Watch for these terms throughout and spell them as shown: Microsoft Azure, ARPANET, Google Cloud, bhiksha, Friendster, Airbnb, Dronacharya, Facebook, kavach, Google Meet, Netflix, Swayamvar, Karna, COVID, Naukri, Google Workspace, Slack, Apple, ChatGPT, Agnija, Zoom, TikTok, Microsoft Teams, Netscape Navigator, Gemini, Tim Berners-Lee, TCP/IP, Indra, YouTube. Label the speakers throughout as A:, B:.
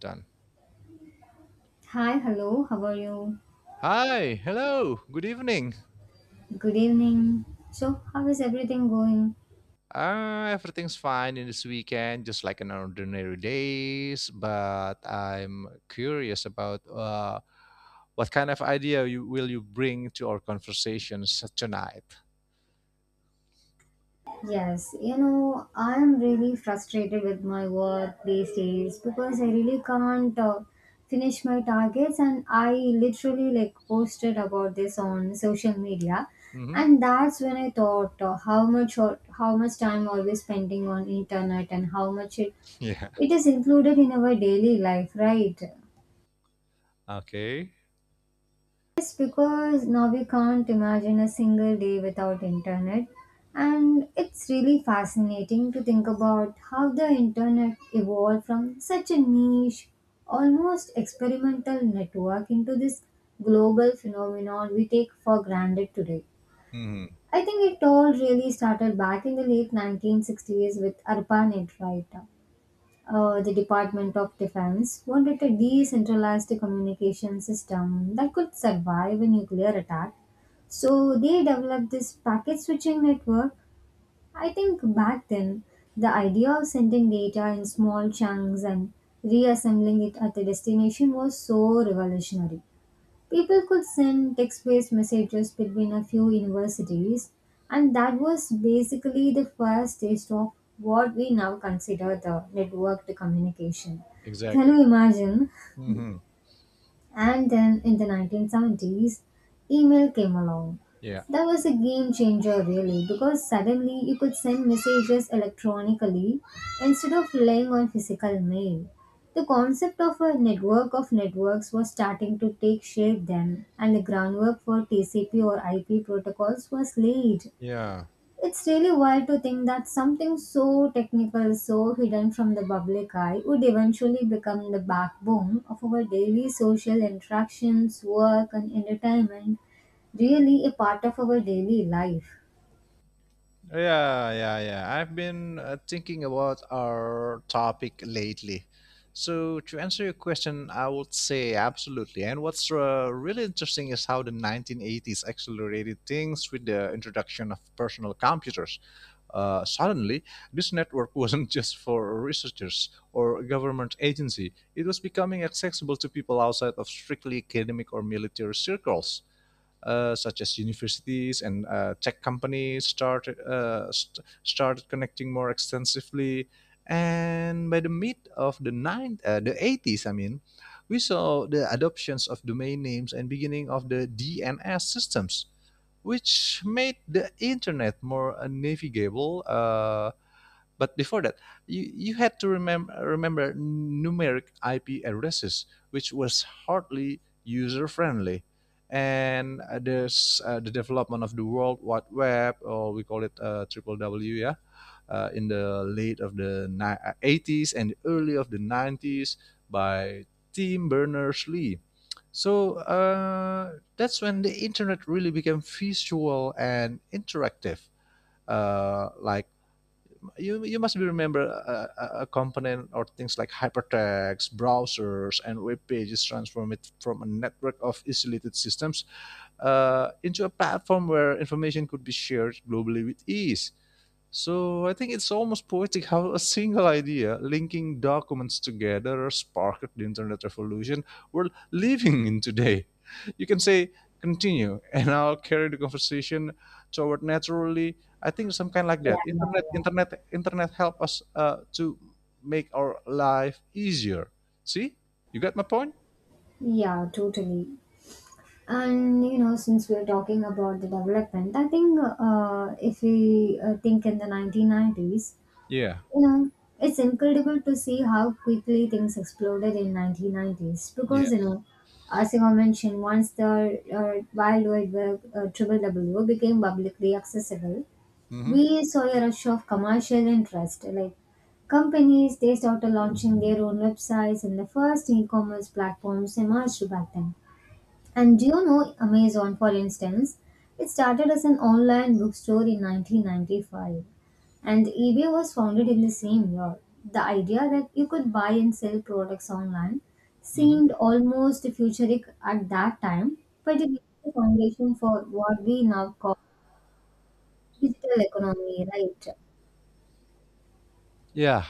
A: Done.
B: Hi, hello, how are you?
A: Hi, hello, good evening.
B: Good evening. So, how is everything going?
A: Everything's fine in this weekend, just like an ordinary days. But I'm curious about what kind of idea will you bring to our conversations tonight?
B: Yes, you know, I am really frustrated with my work these days because I really can't finish my targets, and I literally like posted about this on social media,
A: Hmm.
B: and that's when I thought how much or how much time are we spending on internet and how much it
A: Yeah.
B: it is included in our daily life, right?
A: Okay.
B: Yes, because now we can't imagine a single day without internet. And it's really fascinating to think about how the internet evolved from such a niche, almost experimental network into this global phenomenon we take for granted today.
A: Hmm.
B: I think it all really started back in the late 1960s with ARPANET, right? The Department of Defense wanted a decentralized communication system that could survive a nuclear attack. So they developed this packet switching network. I think back then, the idea of sending data in small chunks and reassembling it at the destination was so revolutionary. People could send text based messages between a few universities, and that was basically the first taste of what we now consider the networked communication. Can
A: Exactly.
B: you imagine?
A: Hmm.
B: And then in the 1970s, email came along.
A: Yeah.
B: That was a game changer, really, because suddenly you could send messages electronically instead of relying on physical mail. The concept of a network of networks was starting to take shape then, and the groundwork for TCP or IP protocols was laid.
A: Yeah.
B: It's really wild to think that something so technical, so hidden from the public eye, would eventually become the backbone of our daily social interactions, work, and entertainment, really a part of our daily life.
A: Yeah, yeah, yeah. I've been thinking about our topic lately. So, to answer your question, I would say absolutely. And what's really interesting is how the 1980s accelerated things with the introduction of personal computers. Suddenly, this network wasn't just for researchers or a government agency, it was becoming accessible to people outside of strictly academic or military circles, such as universities and tech companies started started connecting more extensively. And by the mid of the 80s, I mean, we saw the adoptions of domain names and beginning of the DNS systems, which made the internet more navigable. But before that, you had to remember numeric IP addresses, which was hardly user friendly. And there's the development of the World Wide Web, or we call it triple W, yeah, in the late of the 80s and early of the 90s by Tim Berners-Lee. So that's when the internet really became visual and interactive, like you must be remember a component or things like hypertext, browsers, and web pages transform it from a network of isolated systems into a platform where information could be shared globally with ease. So I think it's almost poetic how a single idea, linking documents together, sparked the internet revolution we're living in today. You can say continue, and I'll carry the conversation toward naturally. I think some kind like
B: Yeah,
A: that.
B: yeah, yeah.
A: Internet help us to make our life easier. See, you got my point?
B: Yeah, totally. And you know, since we're talking about the development, I think if we think in the 1990s,
A: Yeah.
B: you know, it's incredible to see how quickly things exploded in 1990s
A: Yeah.
B: because, you know, as you have mentioned, once the uh, wild wide web, triple w, became publicly accessible,
A: Mm-hmm.
B: we saw a rush of commercial interest, like companies, they started launching their own websites, and the first e-commerce platforms emerged back then. And do you know Amazon, for instance? It started as an online bookstore in 1995, and eBay was founded in the same year. The idea that you could buy and sell products online
A: Mm-hmm.
B: seemed almost futuristic at that time, but it laid the foundation for what we now call digital economy, right?
A: Yeah.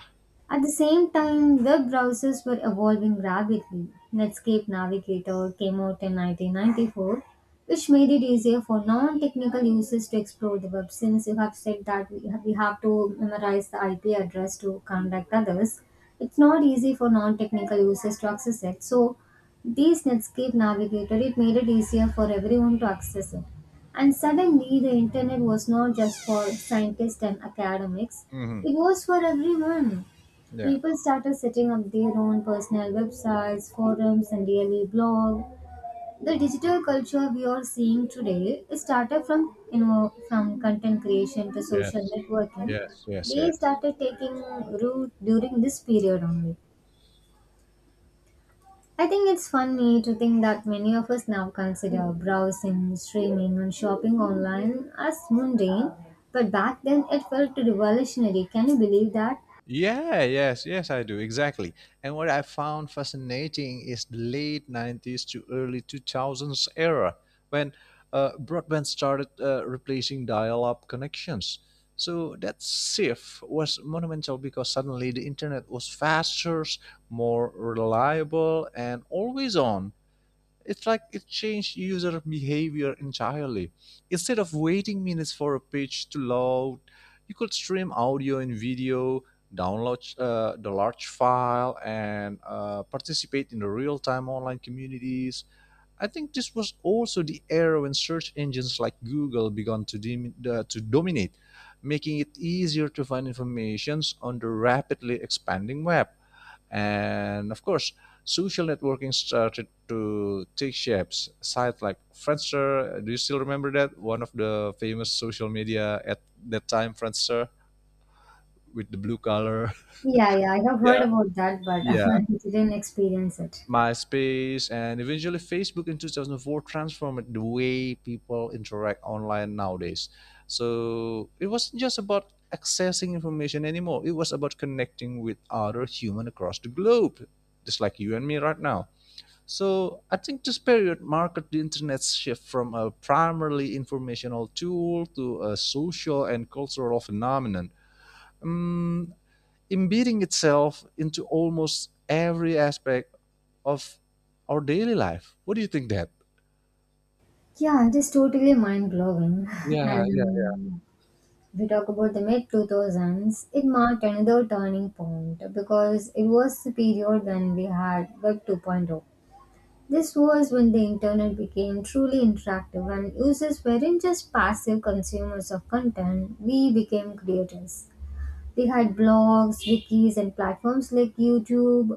B: At the same time, web browsers were evolving rapidly. Netscape Navigator came out in 1994, which made it easier for non technical users to explore the web, since you have said that we have to memorize the IP address to contact others. It's not easy for non technical users to access it. So, this Netscape Navigator, it made it easier for everyone to access it. And suddenly, the internet was not just for scientists and academics,
A: Mm-hmm.
B: it was for everyone.
A: Yeah.
B: People started setting up their own personal websites, forums, and daily blog. The digital culture we are seeing today started from, you know, from content creation to social
A: Yes.
B: networking.
A: Yes. Yes.
B: They
A: Yes.
B: started taking root during this period only. I think it's funny to think that many of us now consider browsing, streaming, and shopping online as mundane, but back then it felt revolutionary. Can you believe that?
A: Yeah, yes, yes, I do. Exactly. And what I found fascinating is the late 90s to early 2000s era when broadband started replacing dial up connections. So that shift was monumental because suddenly the internet was faster, more reliable, and always on. It's like it changed user behavior entirely. Instead of waiting minutes for a page to load, you could stream audio and video, download the large file, and participate in the real time online communities. I think this was also the era when search engines like Google began to dominate, making it easier to find information on the rapidly expanding web. And of course, social networking started to take shapes. Sites like Friendster, do you still remember that? One of the famous social media at that time, Friendster, with the blue color.
B: Yeah, yeah, I have
A: Yeah.
B: heard about that, but
A: Yeah.
B: I didn't experience it.
A: MySpace and eventually Facebook in 2004 transformed the way people interact online nowadays. So it wasn't just about accessing information anymore, it was about connecting with other human across the globe, just like you and me right now. So I think this period marked the internet's shift from a primarily informational tool to a social and cultural phenomenon, um, embedding itself into almost every aspect of our daily life. What do you think that?
B: Yeah, it is totally mind blowing.
A: Yeah, yeah.
B: And if we talk about the mid 2000s, it marked another turning point because it was the period when we had Web 2.0. This was when the internet became truly interactive and users weren't just passive consumers of content, we became creators. They had blogs, wikis, and platforms like YouTube,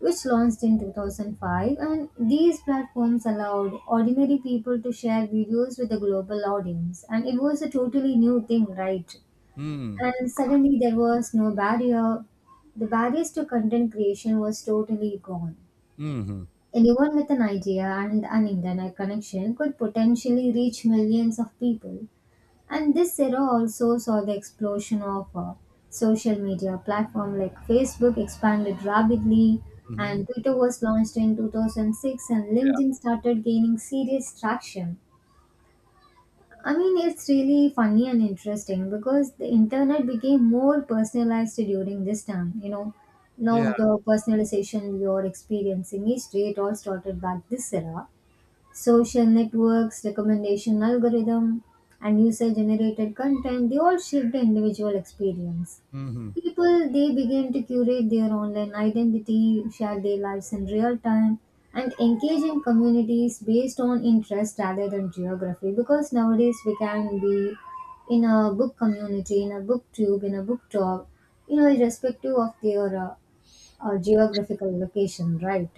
B: which launched in 2005. And these platforms allowed ordinary people to share videos with a global audience. And it was a totally new thing, right?
A: Mm,
B: And suddenly there was no barrier. The barriers to content creation was totally gone.
A: mm-hmm,
B: Anyone with an idea and an internet connection could potentially reach millions of people. And this era also saw the explosion of social media platform like Facebook expanded rapidly,
A: mm-hmm.
B: and Twitter was launched in 2006, and
A: Yeah.
B: LinkedIn started gaining serious traction. I mean, it's really funny and interesting because the internet became more personalized during this time. You know,
A: Yeah.
B: now the personalization we are experiencing is it all started back this era: social networks, recommendation algorithm, and user generated content, they all shape the individual experience.
A: Mm-hmm.
B: People, they begin to curate their online identity, share their lives in real time, and engage in communities based on interest rather than geography. Because nowadays we can be in a book community, in a book tube, in a book talk, you know, irrespective of their geographical location, right?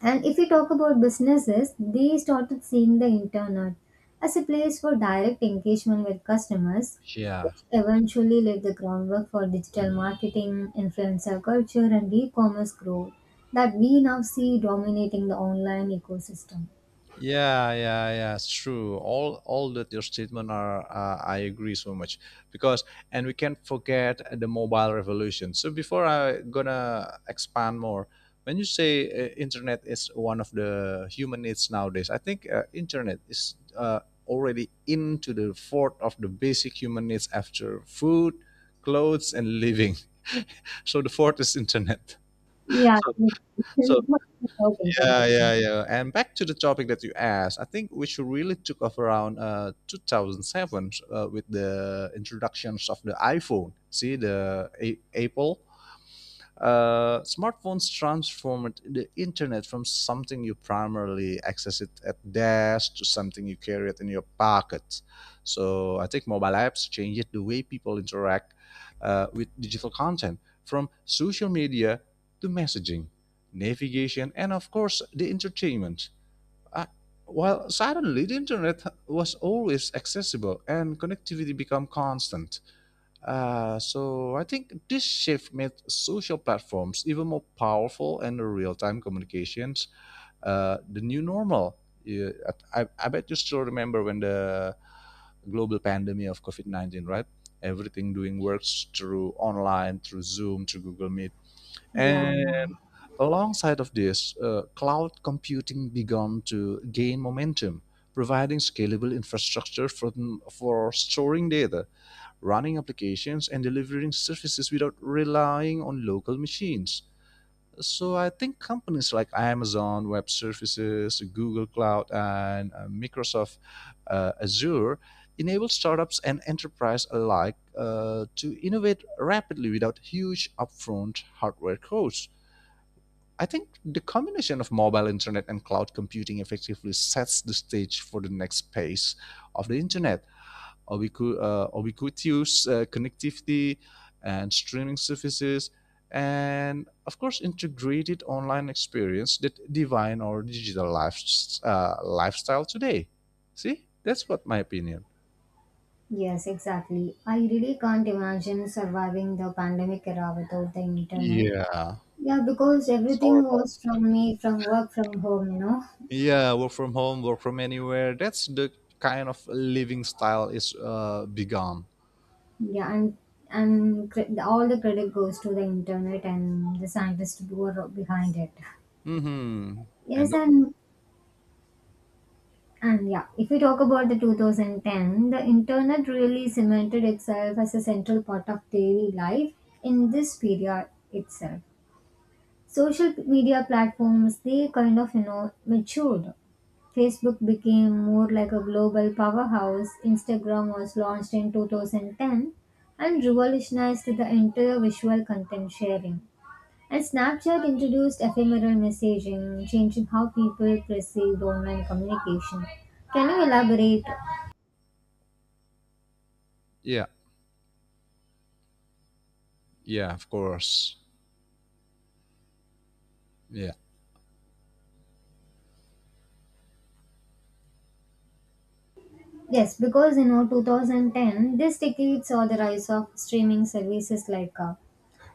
B: And if we talk about businesses, they started seeing the internet as a place for direct engagement with customers,
A: Yeah.
B: which eventually laid the groundwork for digital marketing, influencer culture, and e commerce growth that we now see dominating the online ecosystem.
A: Yeah, yeah, yeah. It's true. All that your statement are, I agree so much because, and we can't forget the mobile revolution. So before I gonna expand more, when you say internet is one of the human needs nowadays, I think internet is already into the fourth of the basic human needs after food, clothes, and living. So the fourth is internet.
B: Yeah,
A: So
B: it- it-
A: so
B: it's not without internet
A: yeah,
B: now.
A: yeah, yeah. And back to the topic that you asked, I think which really took off around 2007 with the introductions of the iPhone. See the Apple smartphones transformed the internet from something you primarily access it at desk to something you carry it in your pocket. So I think mobile apps changed the way people interact with digital content, from social media to messaging, navigation, and of course the entertainment. Uh, while suddenly the internet was always accessible and connectivity became constant. So I think this shift made social platforms even more powerful and the real-time communications the new normal. Yeah, I bet you still remember when the global pandemic of COVID 19, right? Everything doing works through online, through Zoom, through Google Meet.
B: Yeah, yeah.
A: And alongside of this, cloud computing began to gain momentum, providing scalable infrastructure for storing data running applications and delivering services without relying on local machines. So I think companies like Amazon Web Services, Google Cloud, and Microsoft Azure enable startups and enterprise alike to innovate rapidly without huge upfront hardware costs. I think the combination of mobile internet and cloud computing effectively sets the stage for the next phase of the internet ubiquitous connectivity and streaming services, and of course, integrated online experience that define our digital lifestyle today. See, that's what my opinion.
B: Yes, exactly. I really can't imagine surviving the pandemic era without the internet.
A: Yeah,
B: Yeah, because everything was from me, from work, from home, you know.
A: yeah, work from home, work from anywhere. That's the kind of living style is begun.
B: Yeah, and all the credit goes to the internet and the scientists who are behind it.
A: Mm-hmm.
B: Yes,
A: And
B: and yeah, if we talk about the 2010, the internet really cemented itself as a central part of daily life in this period itself. Social media platforms, they kind of, you know, matured. Facebook became more like a global powerhouse. Instagram was launched in 2010 and revolutionized the entire visual content sharing. And Snapchat introduced ephemeral messaging, changing how people perceived online communication. Can you elaborate?
A: yeah, yeah, of course. Yeah,
B: Yes, because you know, 2010, this decade saw the rise of streaming services like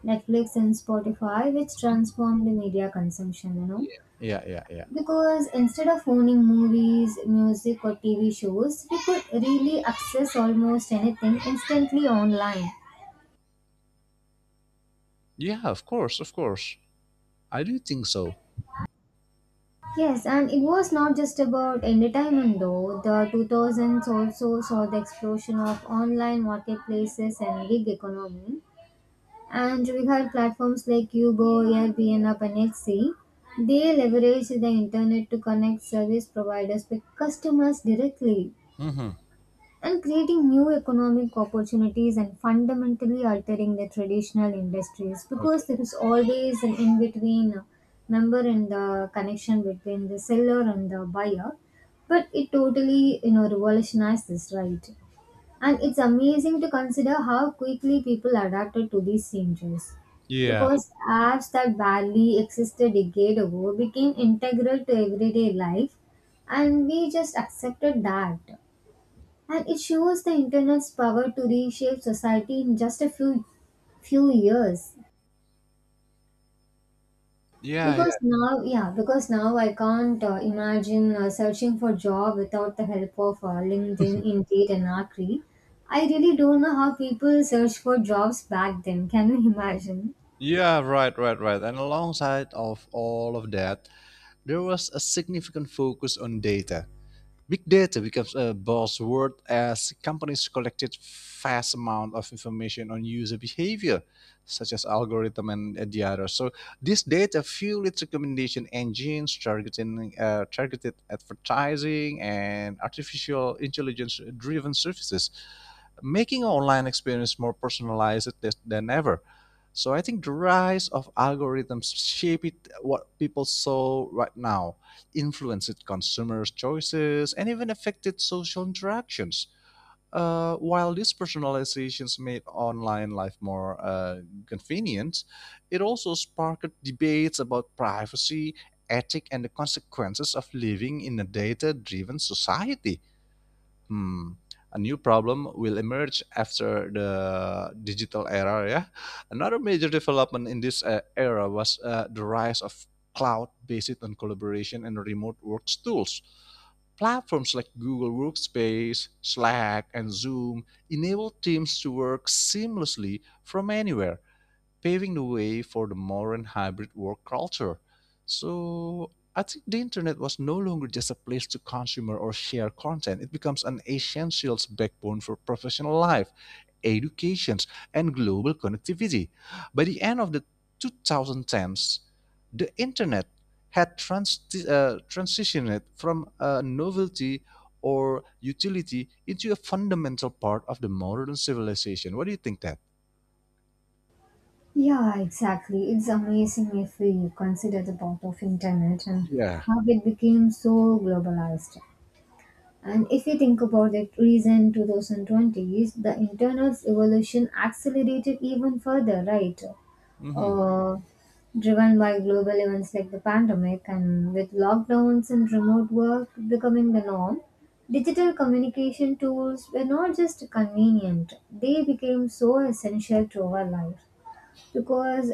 B: Netflix and Spotify, which transformed the media consumption, you know.
A: yeah, yeah, yeah, yeah.
B: Because instead of owning movies, music, or TV shows, we could really access almost anything instantly online.
A: Yeah, of course, of course. I do think so.
B: Yes, and it was not just about entertainment though. The 2000s also saw the explosion of online marketplaces and gig economy, and regard platforms like Yugo, Airbnb, and Etsy, they leverage the internet to connect service providers with customers directly
A: Hmm.
B: and creating new economic opportunities and fundamentally altering the traditional industries,
A: Okay.
B: because there is always an in between member and the connection between the seller and the buyer. But it totally, you know, revolutionized this, right? And it's amazing to consider how quickly people adapted to these changes.
A: Yeah.
B: Because apps that barely existed a decade ago became integral to everyday life, and we just accepted that. And it shows the internet's power to reshape society in just a few years.
A: Yeah.
B: Because
A: Yeah.
B: now, yeah, because now I can't imagine searching for job without the help of LinkedIn, Indeed, and Naukri. I really don't know how people search for jobs back then. Can you imagine?
A: Yeah. Right. Right. Right. And alongside of all of that, there was a significant focus on data. Big data becomes a buzzword as companies collected vast amount of information on user behavior, such as algorithm and the others. So this data fueled recommendation engines, targeting targeted advertising, and artificial intelligence-driven services. Making our online experience more personalized than ever. So I think the rise of algorithms shaped what people saw right now, influenced consumers' choices, and even affected social interactions. While these personalizations made online life more convenient, it also sparked debates about privacy, ethics, and the consequences of living in a data driven society. Hmm, a new problem will emerge after the digital era. Yeah, another major development in this era was the rise of cloud based on collaboration and remote work tools. Platforms like Google Workspace, Slack, and Zoom enable teams to work seamlessly from anywhere, paving the way for the modern hybrid work culture. So I think the internet was no longer just a place to consume or share content. It becomes an essential backbone for professional life, educations, and global connectivity. By the end of the 2010s, the internet had transitioned from a novelty or utility into a fundamental part of the modern civilization. What do you think that?
B: Yeah, exactly. It's amazing if we consider the part of internet and
A: Yeah.
B: how it became so globalized. And if you think about it, recent 2020s, the internet's evolution accelerated even further, right?
A: Hmm.
B: uh, driven by global events like the pandemic, and with lockdowns and remote work becoming the norm, digital communication tools were not just convenient, they became so essential to our life, because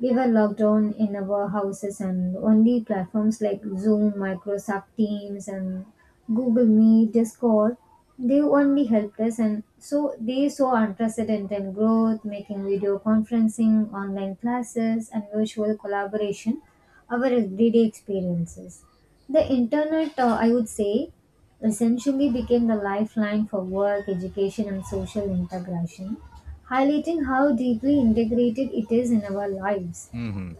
B: we were locked down in our houses, and only platforms like Zoom, Microsoft Teams, and Google Meet, Discord, they only helped us. And so they saw unprecedented growth, making video conferencing, online classes, and virtual collaboration our everyday experiences. The internet, I would say, essentially became the lifeline for work, education, and social integration, highlighting how deeply integrated it is in our lives.
A: Hmm.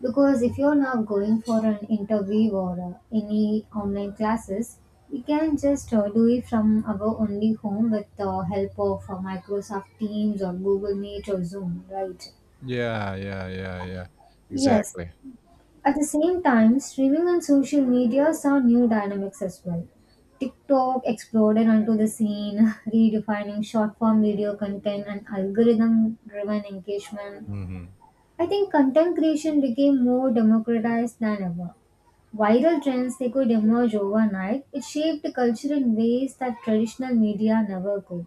B: Because if you're now going for an interview or any online classes, we can just do it from our only home with the help of Microsoft Teams or Google Meet or Zoom, right?
A: Yeah, yeah, yeah, yeah.
B: Yes.
A: Exactly.
B: At the same time, streaming and social media saw new dynamics as well. TikTok exploded onto the scene, redefining short form video content and algorithm driven engagement.
A: Hmm.
B: I think content creation became more democratized than ever. Viral trends, they could emerge overnight. It shaped the culture in ways that traditional media never could.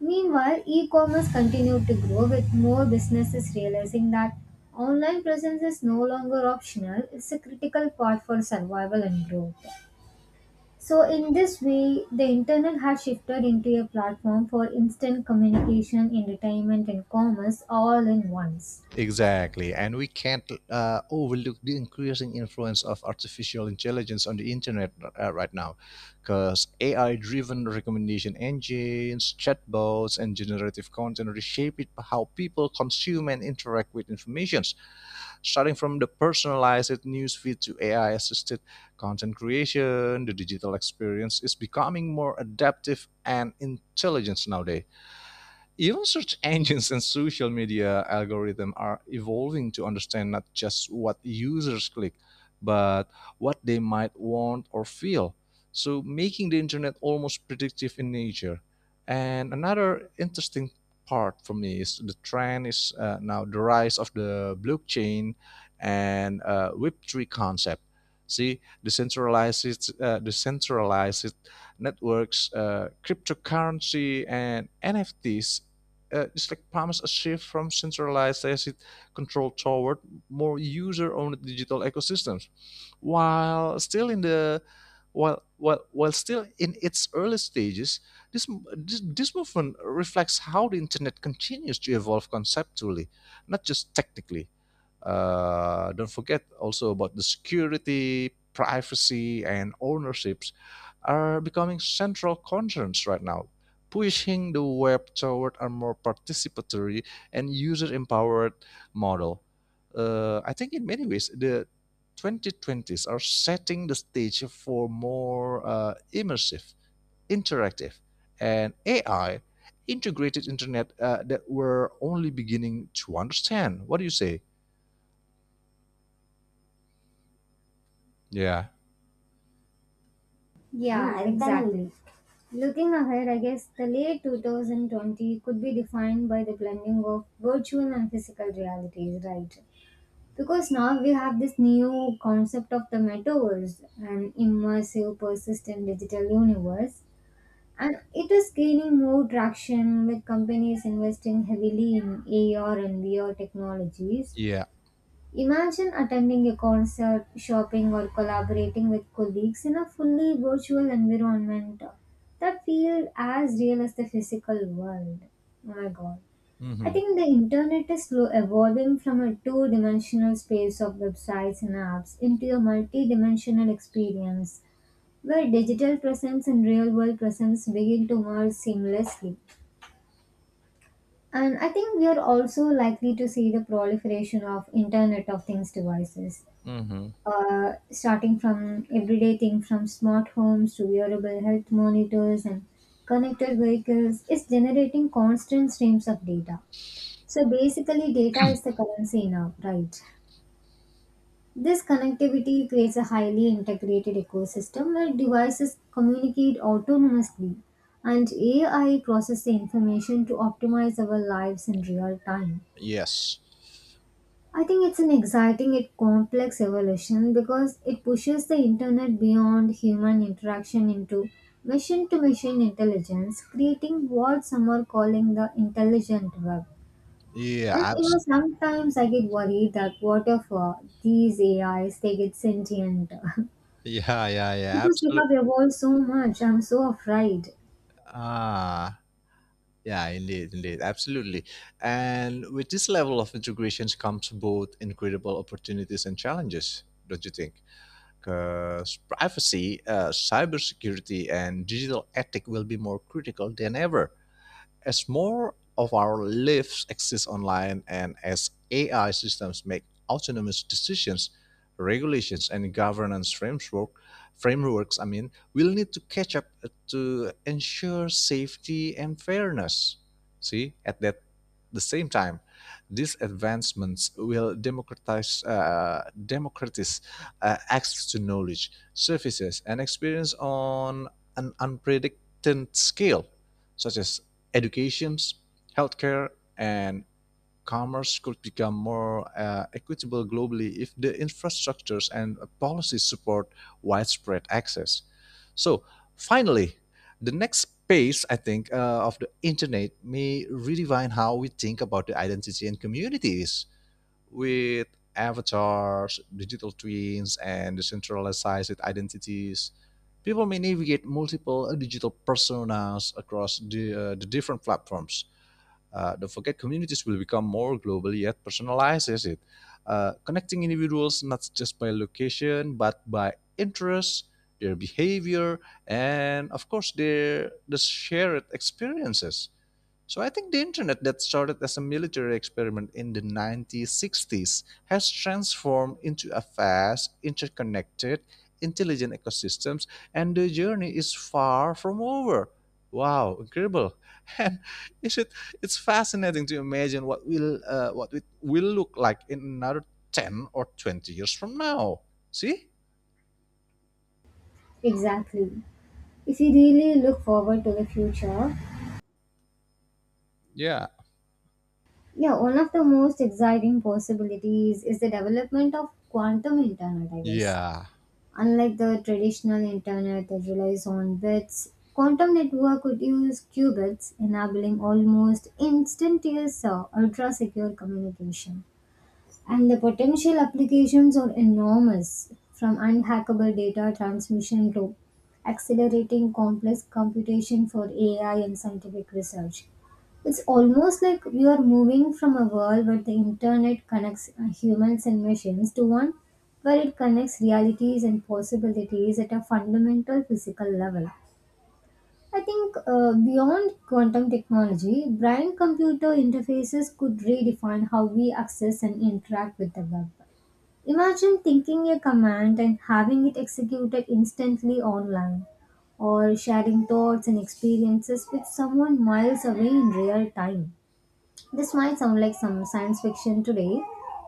B: Meanwhile, e-commerce continued to grow with more businesses realizing that online presence is no longer optional. It's a critical part for survival and growth. So in this way, the internet has shifted into a platform for instant communication, entertainment and commerce all in once.
A: Exactly. And we can't overlook the increasing influence of artificial intelligence on the internet right now, because AI-driven recommendation engines, chatbots, and generative content reshape it how people consume and interact with information, starting from the personalized news feed to AI-assisted content creation. The digital experience is becoming more adaptive and intelligent nowadays. Even search engines and social media algorithms are evolving to understand not just what users click, but what they might want or feel. So, making the internet almost predictive in nature. And another interesting part for me is the trend is now the rise of the blockchain and Web3 concept. See, decentralized networks, cryptocurrency, and NFTs, it's like promise a shift from centralized asset control toward more user-owned digital ecosystems, while still in the while still in its early stages, this, this movement reflects how the internet continues to evolve conceptually, not just technically. Don't forget also about the security, privacy, and ownerships are becoming central concerns right now, pushing the web toward a more participatory and user empowered model. I think in many ways, the 2020s are setting the stage for more immersive, interactive, and AI integrated internet that we're only beginning to understand. What do you say? Yeah.
B: Hmm, yeah, and then exactly. Looking ahead, I guess the late 2020 could be defined by the blending of virtual and physical realities, right? Because now we have this new concept of the metaverse, an immersive, persistent digital universe, and it is gaining more traction with companies investing heavily in AR and VR technologies.
A: Yeah.
B: Imagine attending a concert, shopping, or collaborating with colleagues in a fully virtual environment that feels as real as the physical world. Oh my god. I
A: Mm-hmm.
B: think the internet is slow evolving from a two dimensional space of websites and apps into a multi dimensional experience where digital presence and real world presence begin to merge seamlessly. And I think we are also likely to see the proliferation of Internet of Things devices,
A: Mm-hmm.
B: starting from everyday things from smart homes to wearable health monitors, and connected vehicles is generating constant streams of data. So basically, data is the currency now, right? This connectivity creates a highly integrated ecosystem where devices communicate autonomously and AI processes the information to optimize our lives in real time.
A: Yes.
B: I think it's an exciting yet complex evolution because it pushes the internet beyond human interaction into machine to machine intelligence, creating what some are calling the intelligent web.
A: Yeah.
B: And you know, sometimes I get worried that what if these AIs they get sentient?
A: Yeah. Yeah. Yeah.
B: Because we have
A: Absolutely.
B: evolved so much, I'm so afraid.
A: Ah. Yeah, indeed, indeed, absolutely. And with this level of integrations comes both incredible opportunities and challenges, don't you think? Because privacy, cybersecurity, and digital ethic will be more critical than ever. As more of our lives exist online and as AI systems make autonomous decisions, regulations and governance framework, frameworks, I mean, will need to catch up to ensure safety and fairness. See, at that the same time, these advancements will democratize access to knowledge, services, and experience on an unprecedented scale, such as education, healthcare, and commerce could become more equitable globally if the infrastructures and policies support widespread access. So, finally, the next phase, I think, of the internet may redefine how we think about the identity and communities with avatars, digital twins, and decentralized identities. People may navigate multiple digital personas across the different platforms. Don't forget, communities will become more global yet personalized, is it? Connecting individuals not just by location but by interests, their behavior, and of course, the shared experiences. So I think the internet that started as a military experiment in the 1960s has transformed into a fast, interconnected, intelligent ecosystems, and the journey is far from over. Wow, incredible. And is it, it's fascinating to imagine what will what it will look like in another 10 or 20 years from now. See?
B: Exactly. If we really look forward to the future,
A: Yeah.
B: yeah, one of the most exciting possibilities is the development of quantum internet, I guess.
A: Yeah.
B: Unlike the traditional internet that relies on bits, quantum network could use qubits, enabling almost instantaneous ultra secure communication, and the potential applications are enormous, from unhackable data transmission to accelerating complex computation for AI and scientific research. It's almost like we are moving from a world where the internet connects humans and machines to one where it connects realities and possibilities at a fundamental physical level. I think beyond quantum technology, brain computer interfaces could redefine how we access and interact with the web. Imagine thinking a command and having it executed instantly online, or sharing thoughts and experiences with someone miles away in real time. This might sound like some science fiction today,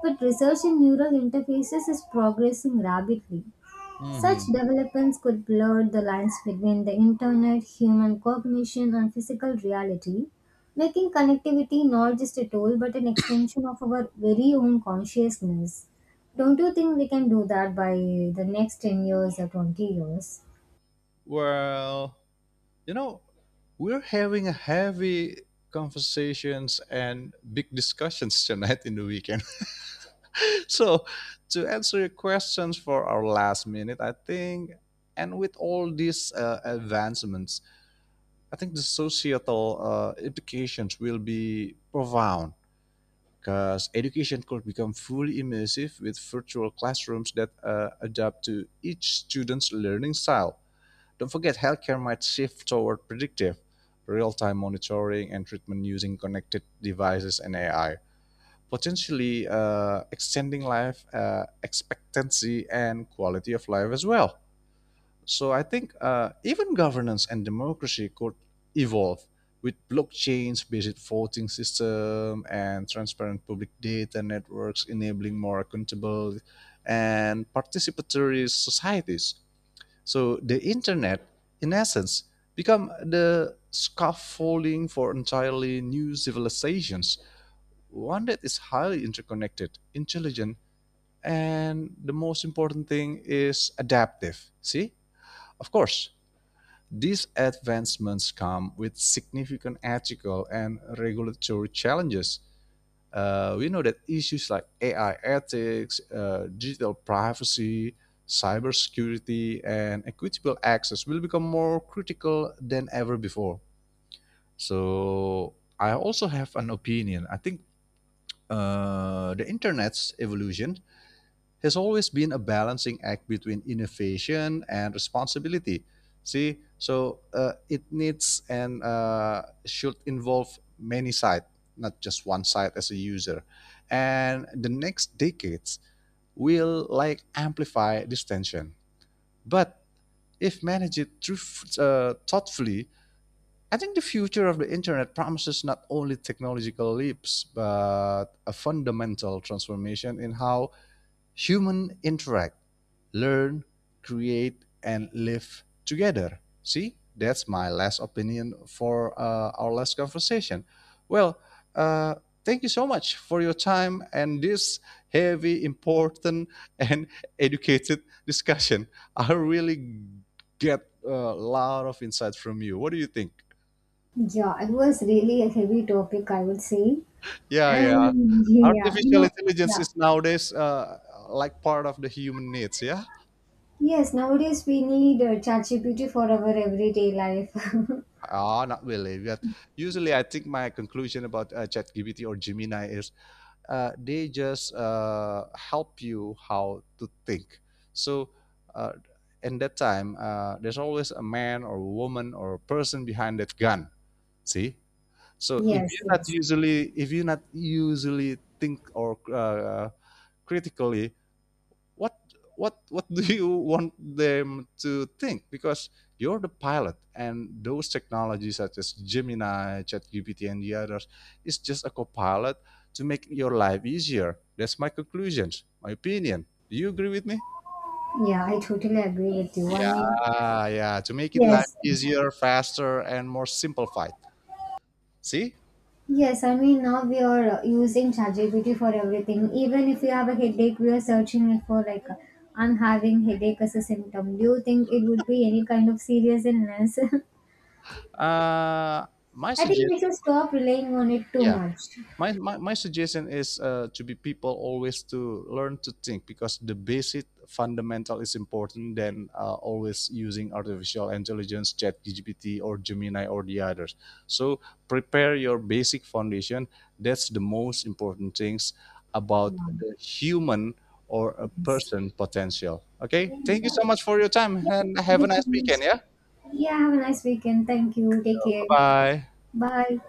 B: but research in neural interfaces is progressing rapidly. Such
A: hmm
B: developments could blur the lines between the internet, human cognition, and physical reality, making connectivity not just a tool but an extension of our very own consciousness. Don't you think we can do that by the next 10 years or 20 years?
A: Well, you know, we're having a heavy conversations and big discussions tonight in the weekend. So, to answer your questions for our last minute, I think, and with all these advancements, I think the societal implications will be profound, because education could become fully immersive with virtual classrooms that adapt to each student's learning style. Don't forget, healthcare might shift toward predictive, real time monitoring, and treatment using connected devices and AI, potentially extending life expectancy and quality of life as well. So I think even governance and democracy could evolve with blockchains, based voting system, and transparent public data networks, enabling more accountable and participatory societies. So the internet, in essence, become the scaffolding for entirely new civilizations, one that is highly interconnected, intelligent, and the most important thing is adaptive. See? Of course, these advancements come with significant ethical and regulatory challenges. We know that issues like AI ethics, digital privacy, cybersecurity, and equitable access will become more critical than ever before. So I also have an opinion. I think the internet's evolution has always been a balancing act between innovation and responsibility. See, so it needs and should involve many sides, not just one side as a user. And the next decades will like amplify this tension. But if managed through, thoughtfully, I think the future of the internet promises not only technological leaps, but a fundamental transformation in how humans interact, learn, create, and live together. See, that's my last opinion for our last conversation. Well, uh, thank you so much for your time and this heavy, important, and educated discussion. I really get a lot of insight from you. What do you think?
B: Yeah, it was really a heavy topic, I would say.
A: Yeah, yeah.
B: And yeah, you
A: Artificial
B: know,
A: intelligence
B: yeah.
A: is nowadays like part of the human needs. Yeah.
B: Yes, nowadays we need ChatGPT for our everyday life.
A: Ah, not really. But usually, I think my conclusion about ChatGPT or Gemini is they just help you how to think. So, uh, in that time, there's always a man or a woman or a person behind that gun. See, so
B: Yes, yes.
A: if you're not usually think or critically, what what what do you want them to think? Because you're the pilot, and those technologies such as Gemini, ChatGPT, and the others is just a co-pilot to make your life easier. That's my conclusions, my opinion. Do you agree with me?
B: Yeah, I totally agree with you. I mean,
A: Yeah, yeah, to make it life
B: yes,
A: easier, faster, and more simplified. See.
B: yes, I mean, now we are using ChatGPT for everything. Even if you have a headache, we are searching it for like, I'm having headache as a symptom. Do you think it would be any kind of serious illness?
A: uh my
B: I think we
A: suggestion,
B: should stop relying on it too
A: yeah.
B: much.
A: My suggestion is, to be people, always to learn to think, because the basic fundamental is important than always using artificial intelligence, chat gpt or Gemini or the others. So prepare your basic foundation. That's the most important things about
B: Yeah,
A: the human or a
B: yes.
A: person potential. Okay, thank you
B: uh,
A: so much for your time,
B: Yeah,
A: and
B: thank
A: have a
B: you so
A: nice weekend.
B: much.
A: Yeah,
B: Yeah, have a nice weekend. Thank you. Take
A: bye
B: care.
A: bye.
B: Bye.